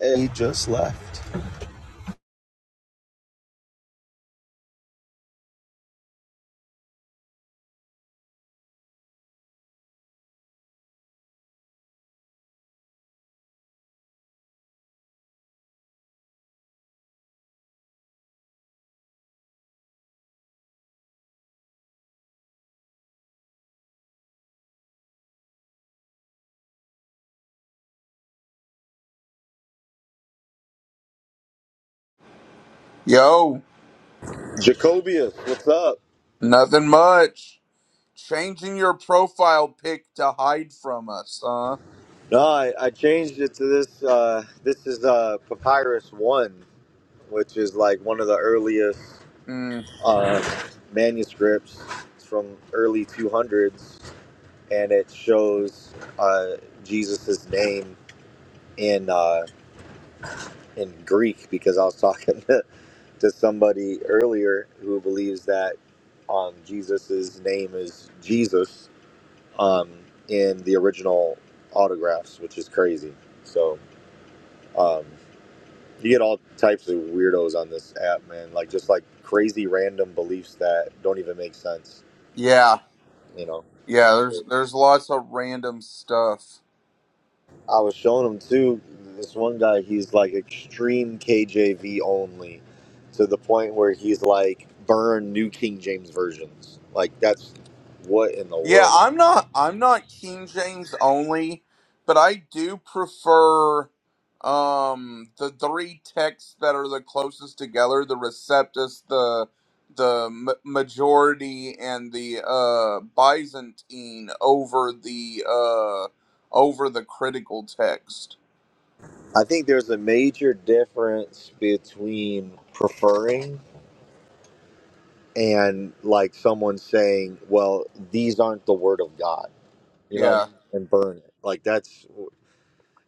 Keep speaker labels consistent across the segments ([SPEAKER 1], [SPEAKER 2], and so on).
[SPEAKER 1] He just left.
[SPEAKER 2] Yo,
[SPEAKER 1] Jacobius, what's up?
[SPEAKER 2] nothing much. Changing your profile pic to hide from us, huh?
[SPEAKER 1] No, I, I changed it to this. Uh, this is uh, Papyrus 1, which is like one of the earliest
[SPEAKER 2] Mm,
[SPEAKER 1] uh, manuscripts. It's from early 200s, and it shows uh, Jesus' name in uh, in Greek because I was talking to, to somebody earlier who believes that um, Jesus' name is Jesus. um, in the original autographs, which is crazy. So um, you get all types of weirdos on this app, man. Like just like crazy random beliefs that don't even make sense.
[SPEAKER 2] yeah,
[SPEAKER 1] You know,
[SPEAKER 2] yeah. There's there's lots of random stuff.
[SPEAKER 1] I was showing him too. This one guy, he's like extreme KJV only, to the point where he's like burn New King James versions. Like that's what in the
[SPEAKER 2] Yeah,
[SPEAKER 1] world.
[SPEAKER 2] I'm not I'm not King James only, but I do prefer um the three texts that are the closest together, the Receptus, the the m- majority and the uh Byzantine over the uh over the critical text.
[SPEAKER 1] I think there's a major difference between preferring and like someone saying, "Well, these aren't the word of God," you know, and,
[SPEAKER 2] Yeah.
[SPEAKER 1] and burn it. Like that's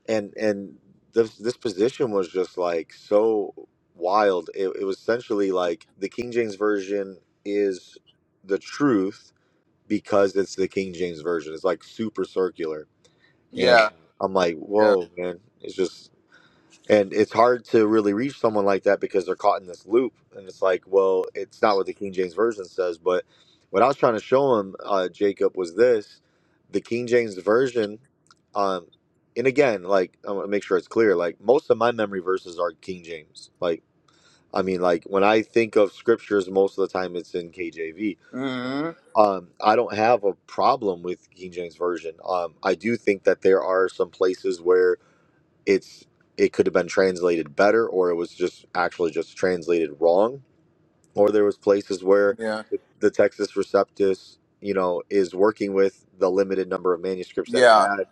[SPEAKER 1] and and this this position was just like so wild. It, it was essentially like the King James version is the truth because it's the King James version. It's like super circular, and
[SPEAKER 2] Yeah.
[SPEAKER 1] I'm like,
[SPEAKER 2] Yeah.
[SPEAKER 1] "Whoa, man!" It's just and it's hard to really reach someone like that because they're caught in this loop. And it's like, well, it's not what the King James Version says. But what I was trying to show him, uh, Jacob, was this the King James Version. Um, and again, like, I want to make sure it's clear. Like, most of my memory verses are King James. Like, I mean, like, when I think of scriptures, most of the time it's in KJV. But
[SPEAKER 2] Mhm.
[SPEAKER 1] um, I don't have a problem with King James Version. Um, I do think that there are some places where it's it could have been translated better or it was just actually just translated wrong or there was places where
[SPEAKER 2] Yeah.
[SPEAKER 1] the, the Texas Receptus, you know, is working with the limited number of manuscripts that it
[SPEAKER 2] Yeah.
[SPEAKER 1] had.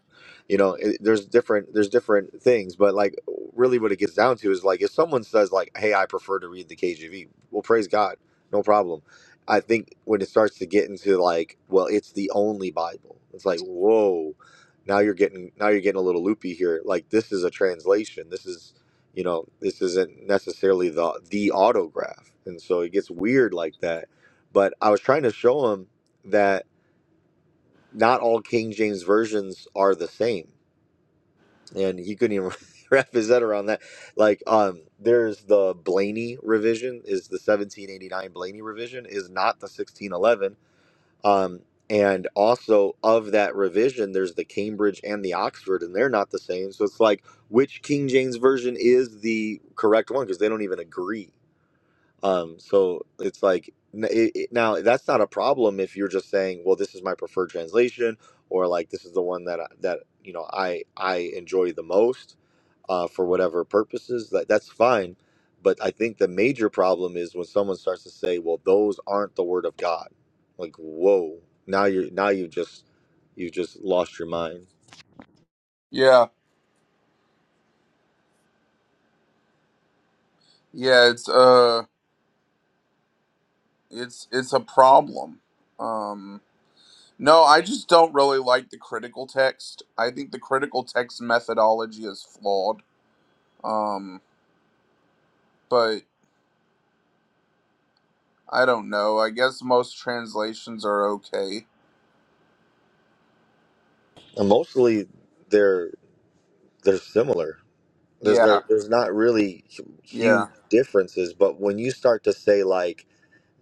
[SPEAKER 1] You know, it, there's different there's different things, but like really, what it gets down to is like if someone says like, "Hey, I prefer to read the KJV," well, praise God, no problem. I think when it starts to get into like, well, it's the only Bible. It's like, whoa, now you're getting now you're getting a little loopy here. Like this is a translation. This is you know this isn't necessarily the the autograph and so it gets weird like that but i was trying to show him that not all king james versions are the same and he couldn't even wrap his head around that like um there's the blaney revision is the 1789 blaney revision is not the 1611 um, and also of that revision, there's the Cambridge and the Oxford, and they're not the same. So it's like which King James version is the correct one because they don't even agree. Um, so it's like n- it, it- now that's not a problem if you're just saying, well, this is my preferred translation, or like this is the one that I, that you know I I enjoy the most uh, for whatever purposes. That that's fine. But I think the major problem is when someone starts to say, well, those aren't the word of God. Like, whoa, now you're now you just you just lost your mind.
[SPEAKER 2] Yeah. Yeah, it's uh it's it's a problem. Um No, I just don't really like the critical text. I think the critical text methodology is flawed. Um, but I don't know. I guess most translations are okay.
[SPEAKER 1] And mostly they're they're similar. there's no,
[SPEAKER 2] Yeah,
[SPEAKER 1] there's not really hu-
[SPEAKER 2] yeah,
[SPEAKER 1] huge differences but when you start to say like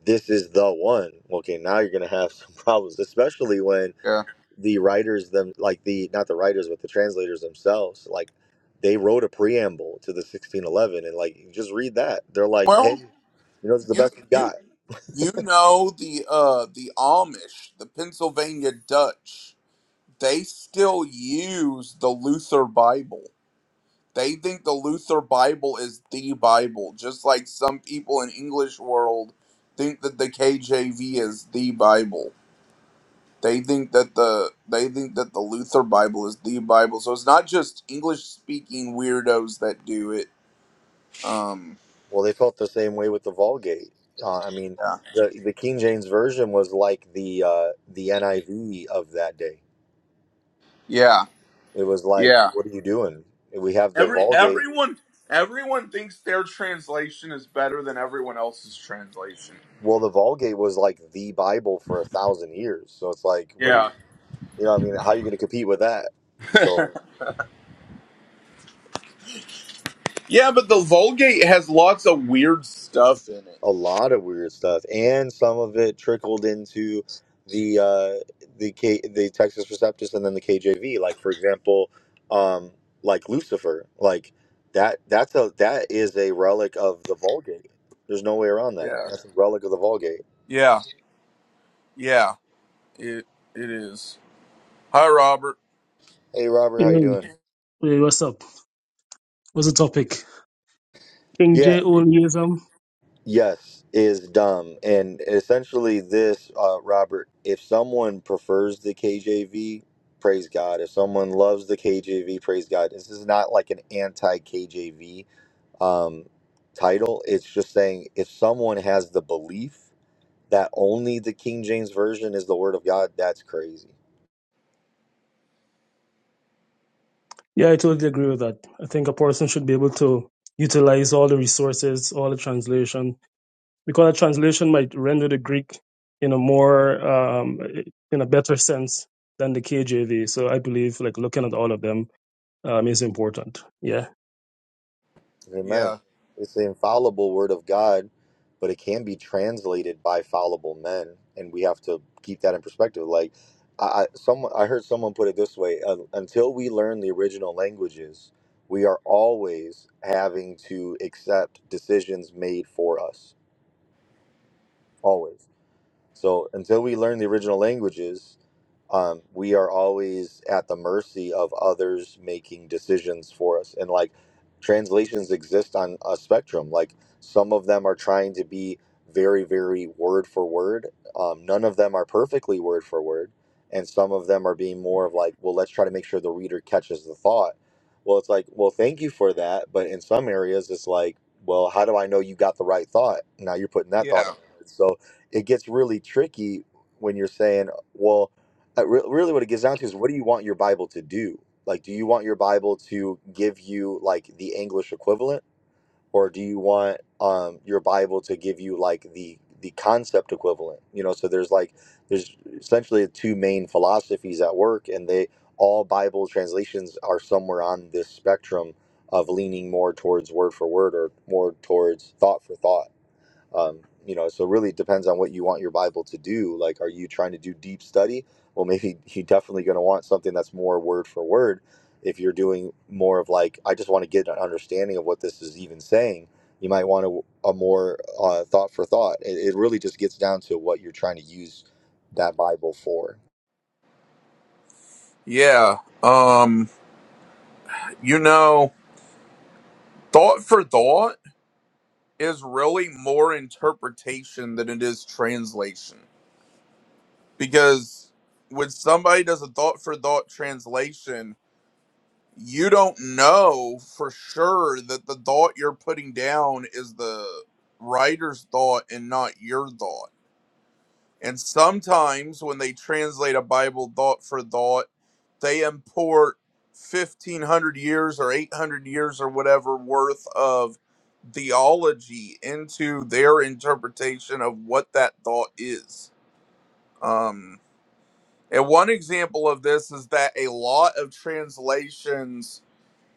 [SPEAKER 1] this is the one okay now you're gonna have some problems especially when
[SPEAKER 2] yeah.
[SPEAKER 1] the writers them like the not the writers but the translators themselves like they wrote a preamble to the 1611 and like you just read that they're like hey
[SPEAKER 2] Well,
[SPEAKER 1] you know it's the
[SPEAKER 2] you
[SPEAKER 1] best we
[SPEAKER 2] you
[SPEAKER 1] got
[SPEAKER 2] you know the uh the Amish, the Pennsylvania Dutch, they still use the Luther Bible. They think the Luther Bible is the Bible, just like some people in English world think that the KJV is the Bible. They think that the they think that the Luther Bible is the Bible. So it's not just English speaking weirdos that do it. Um
[SPEAKER 1] well they felt the same way with the vulgate uh, i mean
[SPEAKER 2] yeah.
[SPEAKER 1] the, the king james version was like the uh, the niv of that day
[SPEAKER 2] Yeah.
[SPEAKER 1] It was like,
[SPEAKER 2] Yeah.
[SPEAKER 1] what are you doing? We have the
[SPEAKER 2] Every
[SPEAKER 1] Vulgate.
[SPEAKER 2] everyone everyone thinks their translation is better than everyone else's translation.
[SPEAKER 1] Well, the Vulgate was like the Bible for a thousand years. So it's like, what do you,
[SPEAKER 2] Yeah.
[SPEAKER 1] you know, what I mean, how are you going to compete with that? So
[SPEAKER 2] Yeah, but the Vulgate has lots of weird stuff in it.
[SPEAKER 1] a lot of weird stuff, and some of it trickled into the uh, the K, the Texas Receptus, and then the KJV. Like for example, um, like Lucifer, like that. That's a that is a relic of the Vulgate. There's no way around that.
[SPEAKER 2] Yeah.
[SPEAKER 1] That's a relic of the Vulgate.
[SPEAKER 2] Yeah. Yeah, it it is. Hi, Robert.
[SPEAKER 1] Hey, Robert,
[SPEAKER 3] Hey,
[SPEAKER 1] how you doing?
[SPEAKER 3] hey, what's up? What's the topic? King
[SPEAKER 1] Yeah,
[SPEAKER 3] J onlyism.
[SPEAKER 1] yes is dumb and essentially this uh, robert if someone prefers the kjv praise god if someone loves the kjv praise god this is not like an anti-kjv um, title it's just saying if someone has the belief that only the king james version is the word of god that's crazy
[SPEAKER 3] Yeah, I totally agree with that. I think a person should be able to utilize all the resources, all the translation, because a translation might render the Greek in a more um, in a better sense than the KJV. So I believe like looking at all of them um, is important. Yeah.
[SPEAKER 1] Amen.
[SPEAKER 2] Yeah,
[SPEAKER 1] It's the infallible word of God, but it can be translated by fallible men, and we have to keep that in perspective. Like, I, I someone I heard someone put it this way: un until we learn the original languages, we are always having to accept decisions made for us. Always. So until we learn the original languages, um, we are always at the mercy of others making decisions for us. And like translations exist on a spectrum. Like some of them are trying to be very, very word for word. Um, none of them are perfectly word for word. And some of them are being more of like, well, let's try to make sure the reader catches the thought. Well, it's like, well, thank you for that. But in some areas, it's like, well, how do I know you got the right thought? Now you're putting that thought
[SPEAKER 2] yeah,
[SPEAKER 1] in words. So it gets really tricky when you're saying, well, I re- really what it gets down to is what do you want your Bible to do? Like, do you want your Bible to give you like the English equivalent, or do you want um, your Bible to give you like the the concept equivalent? You know, so there's like there's essentially two main philosophies at work, and they all Bible translations are somewhere on this spectrum of leaning more towards word for word or more towards thought for thought um, you know so it really depends on what you want your bible to do like are you trying to do deep study well maybe you're definitely going to want something that's more word for word if you're doing more of like i just want to get an understanding of what this is even saying you might want a, a more uh, thought for thought it, it really just gets down to what you're trying to use that bible for
[SPEAKER 2] yeah. Um, you know, thought for thought is really more interpretation than it is translation because when somebody does a thought for thought translation, you don't know for sure that the thought you're putting down is the writer's thought and not your thought. And sometimes when they translate a Bible thought for thought, they import 1500 years or 800 years or whatever worth of theology into their interpretation of what that thought is. Um, and one example of this is that a lot of translations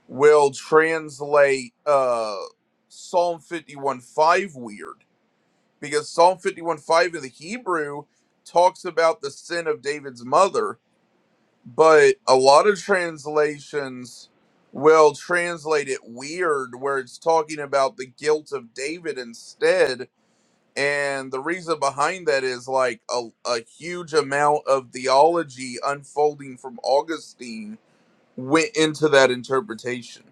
[SPEAKER 2] will translate uh, Psalm 51 5 weird because Psalm fifty-one five in the Hebrew talks about the sin of David's mother, but a lot of translations will translate it weird where it's talking about the guilt of David instead. And the reason behind that is like a, a huge amount of theology unfolding from Augustine went into that interpretation.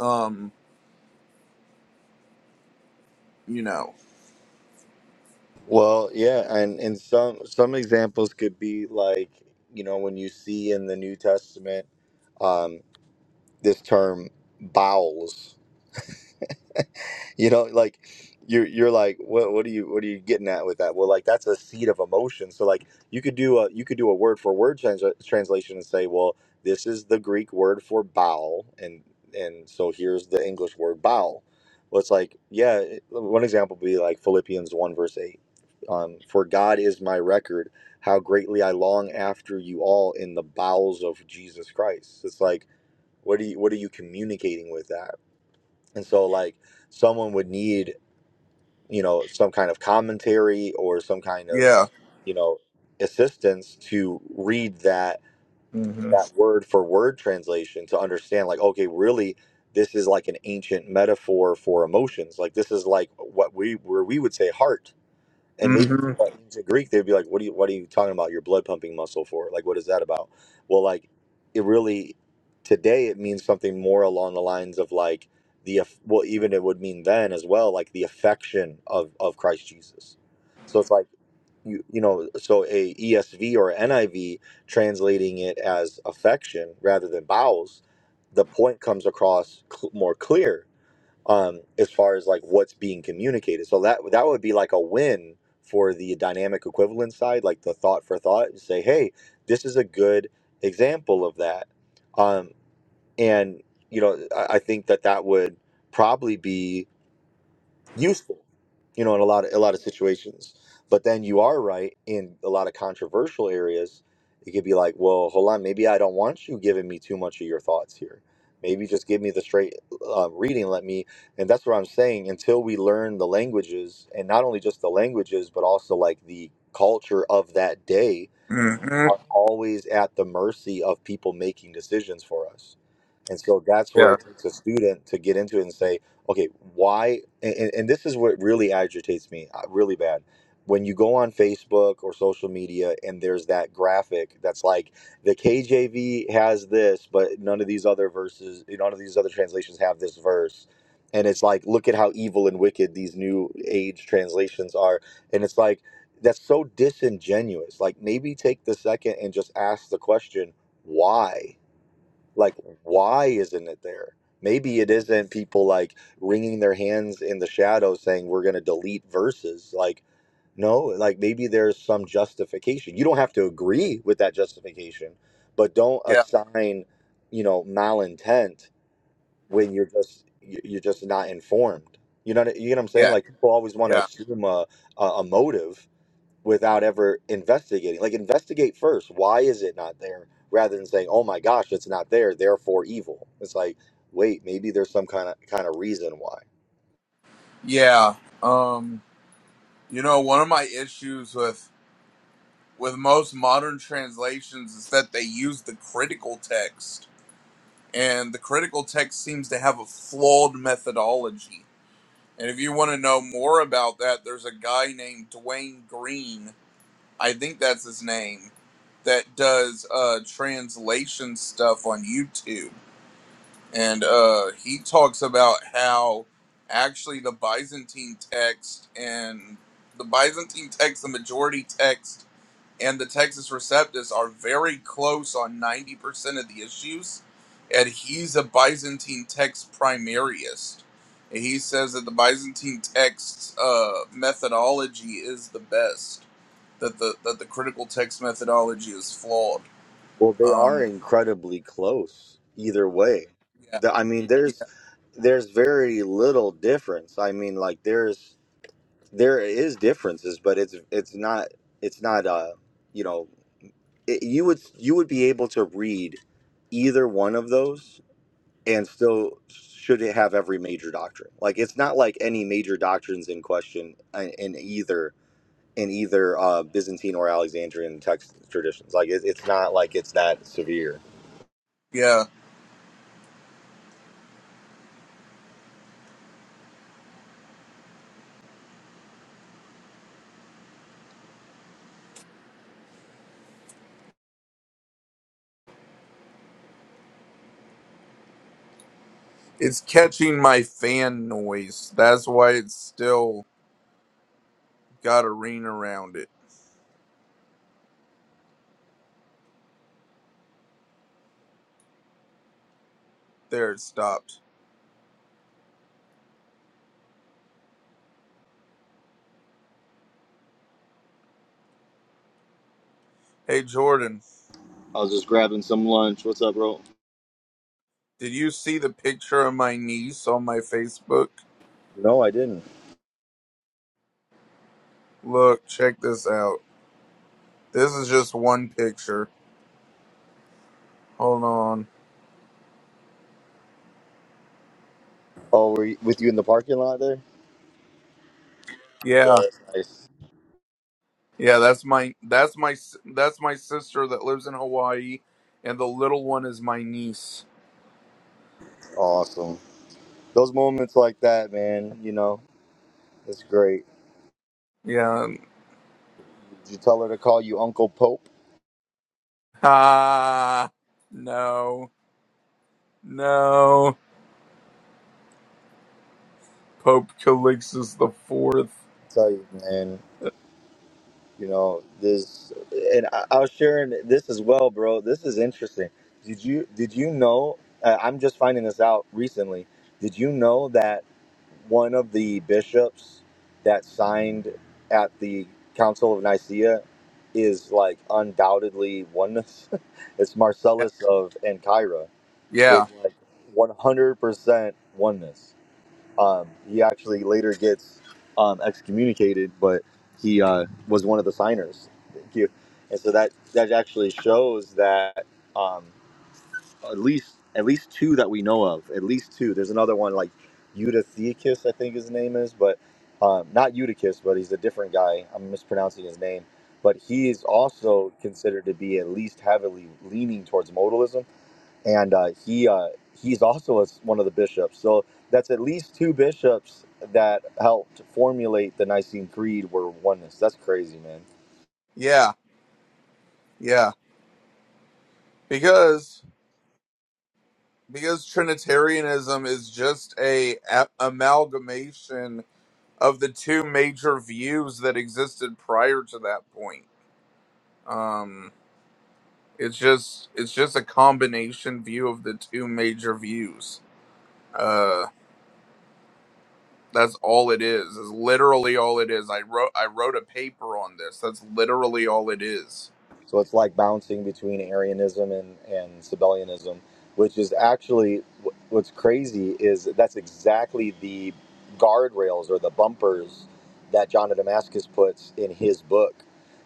[SPEAKER 2] Um, you know,
[SPEAKER 1] well yeah and and some some examples could be like you know when you see in the new testament um, this term bowels you know like you're you're like what what are you what are you getting at with that well like that's a seed of emotion so like you could do a you could do a word for word trans- translation and say well this is the greek word for bowel and and so here's the english word bowel well it's like yeah it- one example would be like philippians 1 verse 8 um, for god is my record how greatly i long after you all in the bowels of jesus christ it's like what are you what are you communicating with that and so like someone would need you know some kind of commentary or some kind of
[SPEAKER 2] yeah.
[SPEAKER 1] you know assistance to read that
[SPEAKER 2] hmm
[SPEAKER 1] that word for word translation to understand like okay really this is like an ancient metaphor for emotions like this is like what we where we would say heart and maybe to
[SPEAKER 2] hmm
[SPEAKER 1] ancient Greek, they'd be like, "What are you? What are you talking about? Your blood pumping muscle for? Like, what is that about?" Well, like, it really today it means something more along the lines of like the aff- well, even it would mean then as well, like the affection of of Christ Jesus. So it's like you you know, so a ESV or NIV translating it as affection rather than bowels, the point comes across cl- more clear um, as far as like what's being communicated. So that that would be like a win for the dynamic equivalence side, like the thought for thought, and say, hey, this is a good example of that. Um, and you know, I, I think that that would probably be useful, you know, in a lot of a lot of situations. But then you are right in a lot of controversial areas. It could be like, well, hold on, maybe I don't want you giving me too much of your thoughts here. Maybe just give me the straight uh, reading. Let me, and that's what I'm saying. Until we learn the languages, and not only just the languages, but also like the culture of that day,
[SPEAKER 2] hmm
[SPEAKER 1] are always at the mercy of people making decisions for us. And so that's where
[SPEAKER 2] Yeah.
[SPEAKER 1] it takes a student to get into it and say, okay, why? And, and and this is what really agitates me uh, really bad. When you go on Facebook or social media and there's that graphic that's like the KJV has this, but none of these other verses, none of these other translations have this verse. And it's like, look at how evil and wicked these new age translations are. And it's like, that's so disingenuous. Like maybe take the second and just ask the question, why? Like why isn't it there? Maybe it isn't people like wringing their hands in the shadows saying we're going to delete verses. Like no, like maybe there's some justification. You don't have to agree with that justification, but don't
[SPEAKER 2] Yeah.
[SPEAKER 1] assign, you know, malintent when you're just you- you're just not informed. You know what I- you know what I'm saying?
[SPEAKER 2] Yeah.
[SPEAKER 1] Like people always want to
[SPEAKER 2] Yeah.
[SPEAKER 1] assume a, a a motive without ever investigating. Like investigate first. Why is it not there? Rather than saying, "Oh my gosh, it's not there, therefore evil." It's like, wait, maybe there's some kind of kind of reason why.
[SPEAKER 2] Yeah. Um, you know, one of my issues with with most modern translations is that they use the critical text, and the critical text seems to have a flawed methodology. And if you want to know more about that, there's a guy named Dwayne Green, I think that's his name, that does uh, translation stuff on YouTube. and uh, he talks about how actually the Byzantine text and the Byzantine text, the majority text, and the Texas Receptus are very close on 90% of the issues. And he's a Byzantine text primariist. And he says that the Byzantine text's uh, methodology is the best, that the, that the critical text methodology is flawed.
[SPEAKER 1] Well, they are
[SPEAKER 2] Um,
[SPEAKER 1] incredibly close either way.
[SPEAKER 2] yeah,
[SPEAKER 1] The, I mean,
[SPEAKER 2] yeah,
[SPEAKER 1] there's there's very little difference. I mean, like there's there is differences, but it's it's not it's not uh you know it, you would you would be able to read either one of those and still should it have every major doctrine like it's not like any major doctrines in question in in either in either uh, byzantine or alexandrian text traditions like it, it's not like it's that severe
[SPEAKER 2] yeah. It's catching my fan noise. That's why it's still got a ring around it. There, it stopped. Hey, Jordan,
[SPEAKER 1] I was just grabbing some lunch. What's up, bro?
[SPEAKER 2] did you see the picture of my niece on my Facebook?
[SPEAKER 1] no i didn't
[SPEAKER 2] Look, check this out. This is just one picture. Hold on.
[SPEAKER 1] oh were you, with you in the parking lot there yeah
[SPEAKER 2] Yeah,
[SPEAKER 1] that's nice
[SPEAKER 2] yeah, that's my that's my s- that's my sister that lives in Hawaii, and the little one is my niece.
[SPEAKER 1] awesome those moments like that man you know it's great
[SPEAKER 2] Yeah.
[SPEAKER 1] did you tell her to call you uncle pope
[SPEAKER 2] Ah, no, no. Pope Calixtus the Fourth.
[SPEAKER 1] i tell you man You know, this, and I, I was sharing this as well, bro. This is interesting. Did you did you know? Uh, I'm just finding this out recently. Did you know that one of the bishops that signed at the Council of Nicaea is like undoubtedly oneness. it's
[SPEAKER 2] Yeah,
[SPEAKER 1] Marcellus of Ancyra.
[SPEAKER 2] yeah,
[SPEAKER 1] It's like 100% oneness. Um, he actually later gets um, excommunicated, but he uh, was one of the signers. Thank you. And so that that actually shows that um, at least at least two that we know of, at least two. There's another one like Eutychus, I think his name is, but um, not Eutychus, but he's a different guy. I'm mispronouncing his name, but he is also considered to be at least heavily leaning towards modalism and uh, he uh, he's also a, one of the bishops. So that's at least two bishops that helped formulate the Nicene Creed were oneness. That's crazy, man.
[SPEAKER 2] yeah, yeah. Because because Trinitarianism is just a, a amalgamation of the two major views that existed prior to that point. Um, it's just it's just a combination view of the two major views. Uh, that's all it is. Is literally all it is. I wrote I wrote a paper on this. That's literally all it
[SPEAKER 1] So it's like bouncing between Arianism and, and Sabellianism, which is actually what's crazy is that's exactly the guardrails or the bumpers that John of Damascus puts in his book.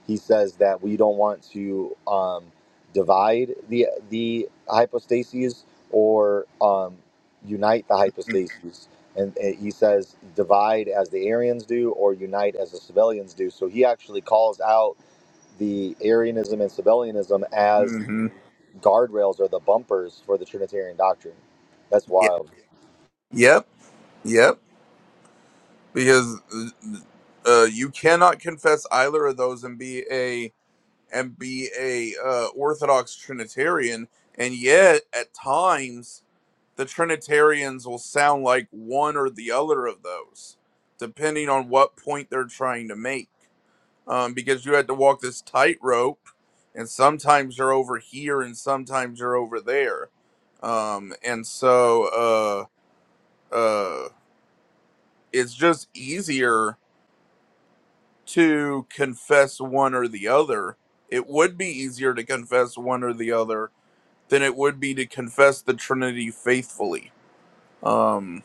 [SPEAKER 1] He says that we don't want to um, divide the the hypostases or um, unite the hypostases. And uh, he says divide as the Arians do or unite as the Sabellians do. So he actually calls out the Arianism and Sabellianism as the
[SPEAKER 2] Mm-hmm.
[SPEAKER 1] guardrails or the bumpers for the Trinitarian doctrine. That's
[SPEAKER 2] Yep.
[SPEAKER 1] wild.
[SPEAKER 2] Yep. Yep. because uh, you cannot confess either of those and be a and be a uh, Orthodox Trinitarian, and yet at times the Trinitarians will sound like one or the other of those, depending on what point they're trying to make. Um, because you had to walk this tightrope, and sometimes you're over here, and sometimes you're over there, um, and so uh, uh, it's just easier to confess one or the other. It would be easier to confess one or the other than it would be to confess the Trinity faithfully. Um,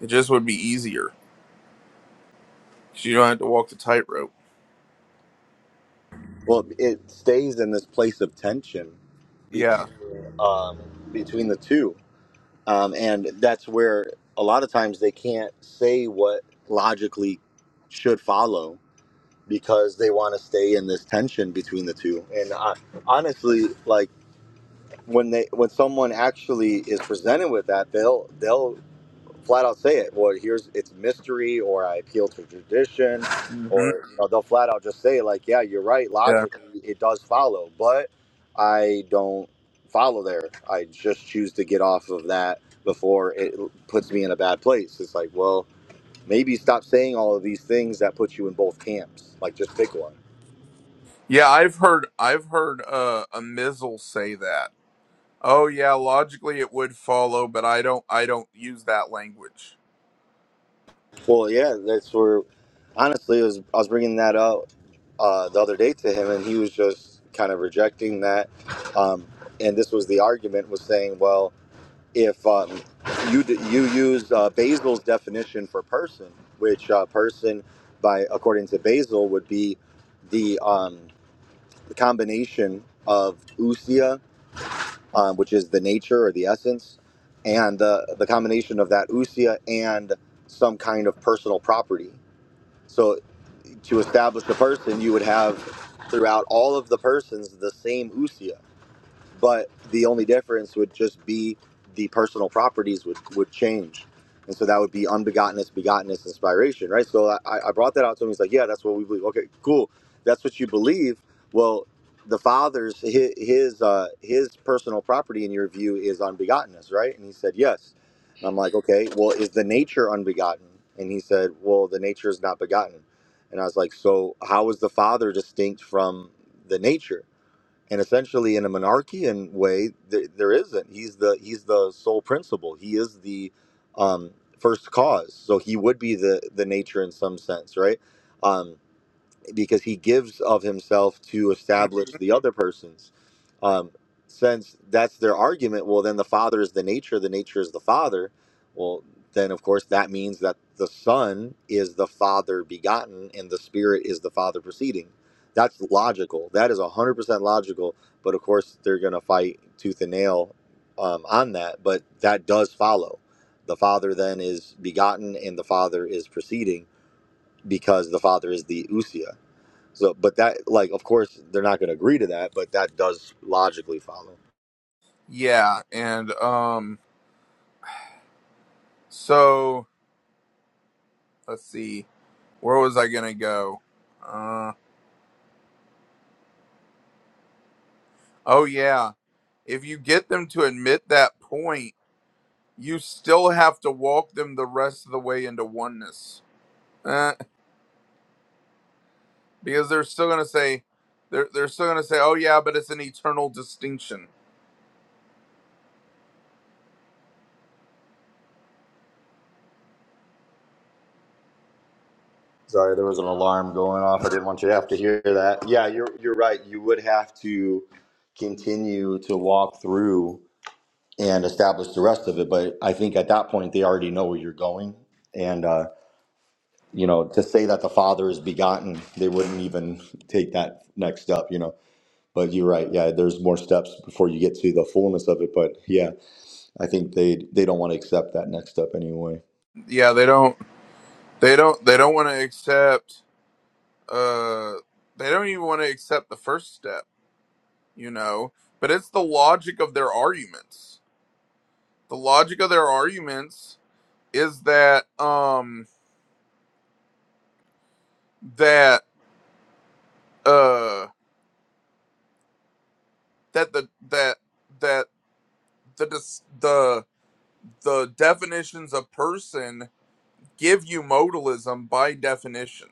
[SPEAKER 2] it just would be easier 'cause you don't have to walk the tightrope.
[SPEAKER 1] Well, it stays in this place of tension
[SPEAKER 2] Yeah.
[SPEAKER 1] between um, between the two, um, and that's where a lot of times they can't say what logically should follow because they want to stay in this tension between the two. And I, honestly, like when they when someone actually is presented with that, they'll they'll flat out say it. Well, here's it's mystery, or I appeal to tradition,
[SPEAKER 2] hmm
[SPEAKER 1] or you know, they'll flat out just say like, yeah, you're right.
[SPEAKER 2] Yeah.
[SPEAKER 1] Logically, it does follow, but I don't follow there. I just choose to get off of that before it puts me in a bad place. It's like, well, maybe stop saying all of these things that put you in both camps. Like, just pick one.
[SPEAKER 2] Yeah. I've heard. I've heard uh, a Mizzle say that. Oh yeah, logically it would follow, but I don't. I don't use that language.
[SPEAKER 1] Well, yeah, that's where. Honestly, it was I was bringing that up uh, the other day to him, and he was just kind of rejecting that. Um, and this was the argument: was saying, well, if um, you d- you use uh, Basil's definition for person, which uh, person by according to Basil would be the um, the combination of usia, um, which is the nature or the essence, and the the combination of that usia and some kind of personal property so to establish a person, you would have throughout all of the persons the same usia but the only difference would just be the personal properties would, would change and so that would be unbegottenness begottenness inspiration right so i, I brought that out to him he's like yeah that's what we believe okay cool that's what you believe well the father's his his, uh, his personal property in your view is unbegottenness right and he said yes and i'm like okay well is the nature unbegotten and he said well the nature is not begotten and i was like so how is the father distinct from the nature and essentially in a monarchian way there, there isn't he's the he's the sole principle he is the um, first cause so he would be the the nature in some sense right Um, because he gives of himself to
[SPEAKER 2] Mm.
[SPEAKER 1] establish the other person's. Um, since that's their argument, well, then the Father is the nature, the nature is the Father. Well, then of course that means that the Son is the Father begotten and the Spirit is the Father proceeding. That's logical. That is 100% logical. But of course, they're going to fight tooth and nail um, on that. But that does follow. The Father then is begotten and the Father is proceeding because the Father is the Usia so, but that, like, of course, they're not going to agree to that, but that does logically follow.
[SPEAKER 2] Yeah, and um, so let's see, where was I gonna go? Uh, Oh, yeah. If you get them to admit that point, you still have to walk them the rest of the way into oneness. Uh, because they're still going to say, they're, they're still going to say, oh, yeah, but it's an eternal distinction.
[SPEAKER 1] Sorry, there was an alarm going off. I didn't want you to have to hear that. Yeah, you're you're right. You would have to continue to walk through and establish the rest of it. But I think at that point they already know where you're going, and uh, you know, to say that the Father is begotten, they wouldn't even take that next step. You know. But you're right. Yeah, there's more steps before you get to the fullness of it. But yeah, I think they they don't want to accept that next step anyway.
[SPEAKER 2] Yeah, they don't, they don't, they don't want to accept, uh, they don't even want to accept the first step, you know, but it's the logic of their arguments. The logic of their arguments is that, um, that, uh, that the, that, that the the the definitions of person give you modalism by definition.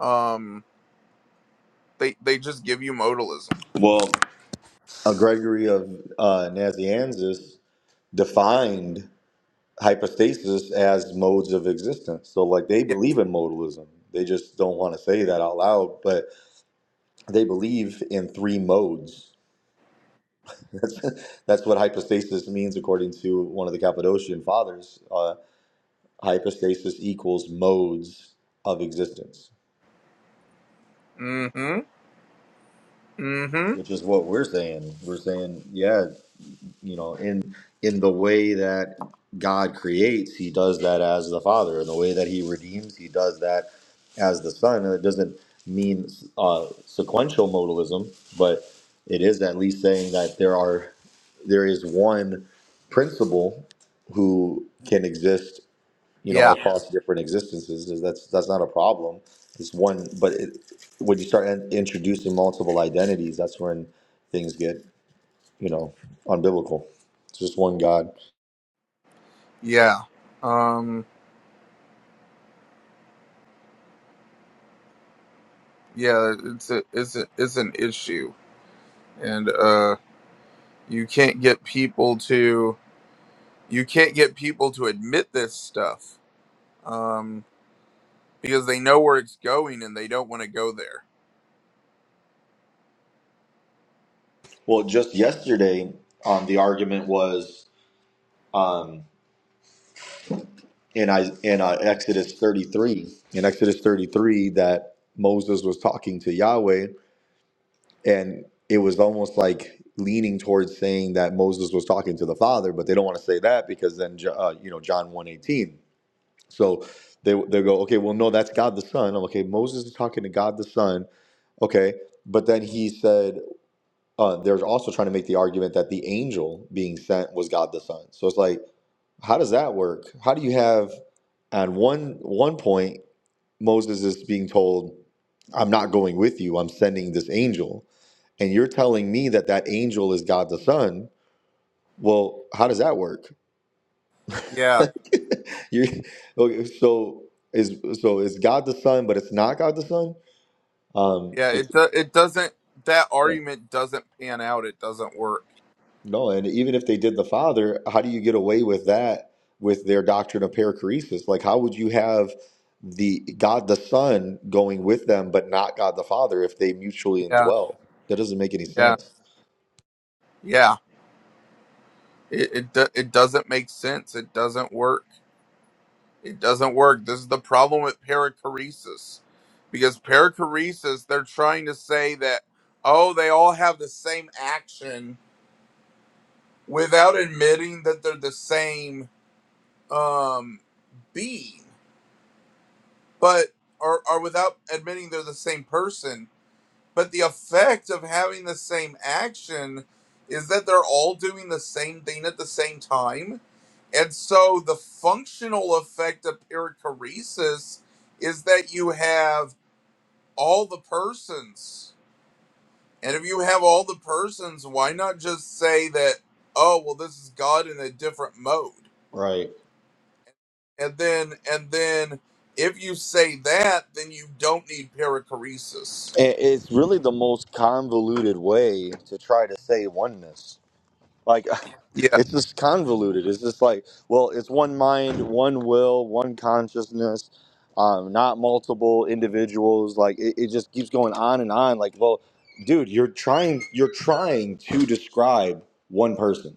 [SPEAKER 2] Um, they they just give you modalism.
[SPEAKER 1] Well, uh, Gregory of uh, Nazianzus defined hypostasis as modes of existence. So, like, they
[SPEAKER 2] Yeah.
[SPEAKER 1] believe in modalism. They just don't want to say that out loud, but they believe in three modes. That's, that's what hypostasis means, according to one of the Cappadocian fathers. Uh, hypostasis equals modes of existence,
[SPEAKER 2] Mm-hmm. Mm-hmm.
[SPEAKER 1] which is what we're saying. We're saying, yeah, you know in in the way that god creates he does that as the father in the way that he redeems he does that as the son and it doesn't mean uh, sequential modalism but it is at least saying that there are there is one principle who can exist you know
[SPEAKER 2] Yeah.
[SPEAKER 1] across different existences is that's that's not a problem it's one but it, when you start in- introducing multiple identities that's when things get you know, unbiblical. It's just one God.
[SPEAKER 2] Yeah. Um. Yeah. It's a, it's a, it's an issue, and uh, you can't get people to you can't get people to admit this stuff. Um, because they know where it's going and they don't want to go there.
[SPEAKER 1] Well, just yesterday, um, the argument was um, in I, in uh, Exodus 33, in Exodus 33, that Moses was talking to Yahweh, and it was almost like leaning towards saying that Moses was talking to the Father, but they don't want to say that because then, Jo- uh, you know, John 1.18. So they they go, okay, well, no, that's God the Son. I'm like, okay. Moses is talking to God the Son. Okay, but then he said Uh, they're also trying to make the argument that the angel being sent was God the Son. So it's like, how does that work? How do you have at one one point Moses is being told, "I'm not going with you. I'm sending this angel," and you're telling me that that angel is God the Son. Well, how does that work?
[SPEAKER 2] Yeah.
[SPEAKER 1] you're, okay, so is so is God the Son, but it's not God the Son. Um,
[SPEAKER 2] Yeah,
[SPEAKER 1] it's,
[SPEAKER 2] it do, it doesn't. That argument doesn't pan out. It doesn't work.
[SPEAKER 1] No, and even if they did the Father, how do you get away with that with their doctrine of perichoresis? Like, how would you have the God the Son going with them, but not God the Father if they mutually
[SPEAKER 2] Yeah,
[SPEAKER 1] indwell? That doesn't make any
[SPEAKER 2] yeah,
[SPEAKER 1] sense.
[SPEAKER 2] yeah. It it, do, it doesn't make sense. It doesn't work. It doesn't work. This is the problem with perichoresis, because perichoresis they're trying to say that oh they all have the same action without admitting that they're the same um being, but or or without admitting they're the same person. But the effect of having the same action is that they're all doing the same thing at the same time. And so the functional effect of perichoresis is that you have all the persons. And if you have all the persons, why not just say that, oh, well, this is God in a different mode?
[SPEAKER 1] Right.
[SPEAKER 2] And then, and then if you say that, then you don't need perichoresis.
[SPEAKER 1] And it's really the most convoluted way to try to say oneness. Like,
[SPEAKER 2] Yeah.
[SPEAKER 1] it's just convoluted. It's just like, well, it's one mind, one will, one consciousness, um, not multiple individuals. Like, it, it just keeps going on and on. Like, well, dude, you're trying, you're trying to describe one person.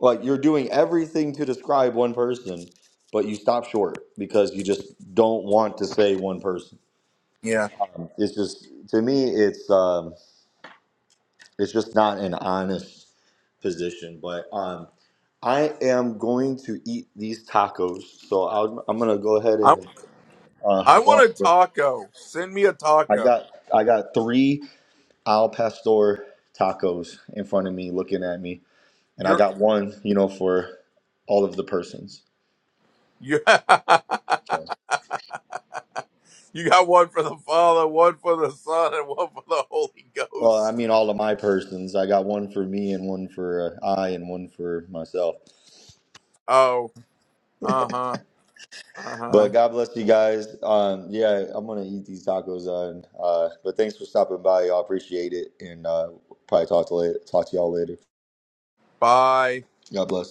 [SPEAKER 1] Like, you're doing everything to describe one person, but you stop short because you just don't want to say one person.
[SPEAKER 2] Yeah.
[SPEAKER 1] Um, it's just, to me, it's, um, it's just not an honest position. But, um, I am going to eat these tacos, so I'll, I'm gonna go ahead and uh,
[SPEAKER 2] I
[SPEAKER 1] hop on.
[SPEAKER 2] want a
[SPEAKER 1] But
[SPEAKER 2] taco. Send me a
[SPEAKER 1] I
[SPEAKER 2] taco.
[SPEAKER 1] got I got three al pastor tacos in front of me, looking at me, and I
[SPEAKER 2] You're
[SPEAKER 1] got one, you know, for all of the persons.
[SPEAKER 2] you
[SPEAKER 1] So,
[SPEAKER 2] you got one for the Father, one for the Son, and one for the Holy
[SPEAKER 1] well, I
[SPEAKER 2] Ghost.
[SPEAKER 1] mean, all of my persons. I got one for me and one for uh, I and one for myself.
[SPEAKER 2] Oh, uh huh, uh huh.
[SPEAKER 1] But God bless you guys. Um, yeah, I'm gonna eat these tacos. On, uh, but thanks for stopping by. Y'all appreciate it, and uh, probably talk to later, talk to y'all later.
[SPEAKER 2] Bye.
[SPEAKER 1] God bless.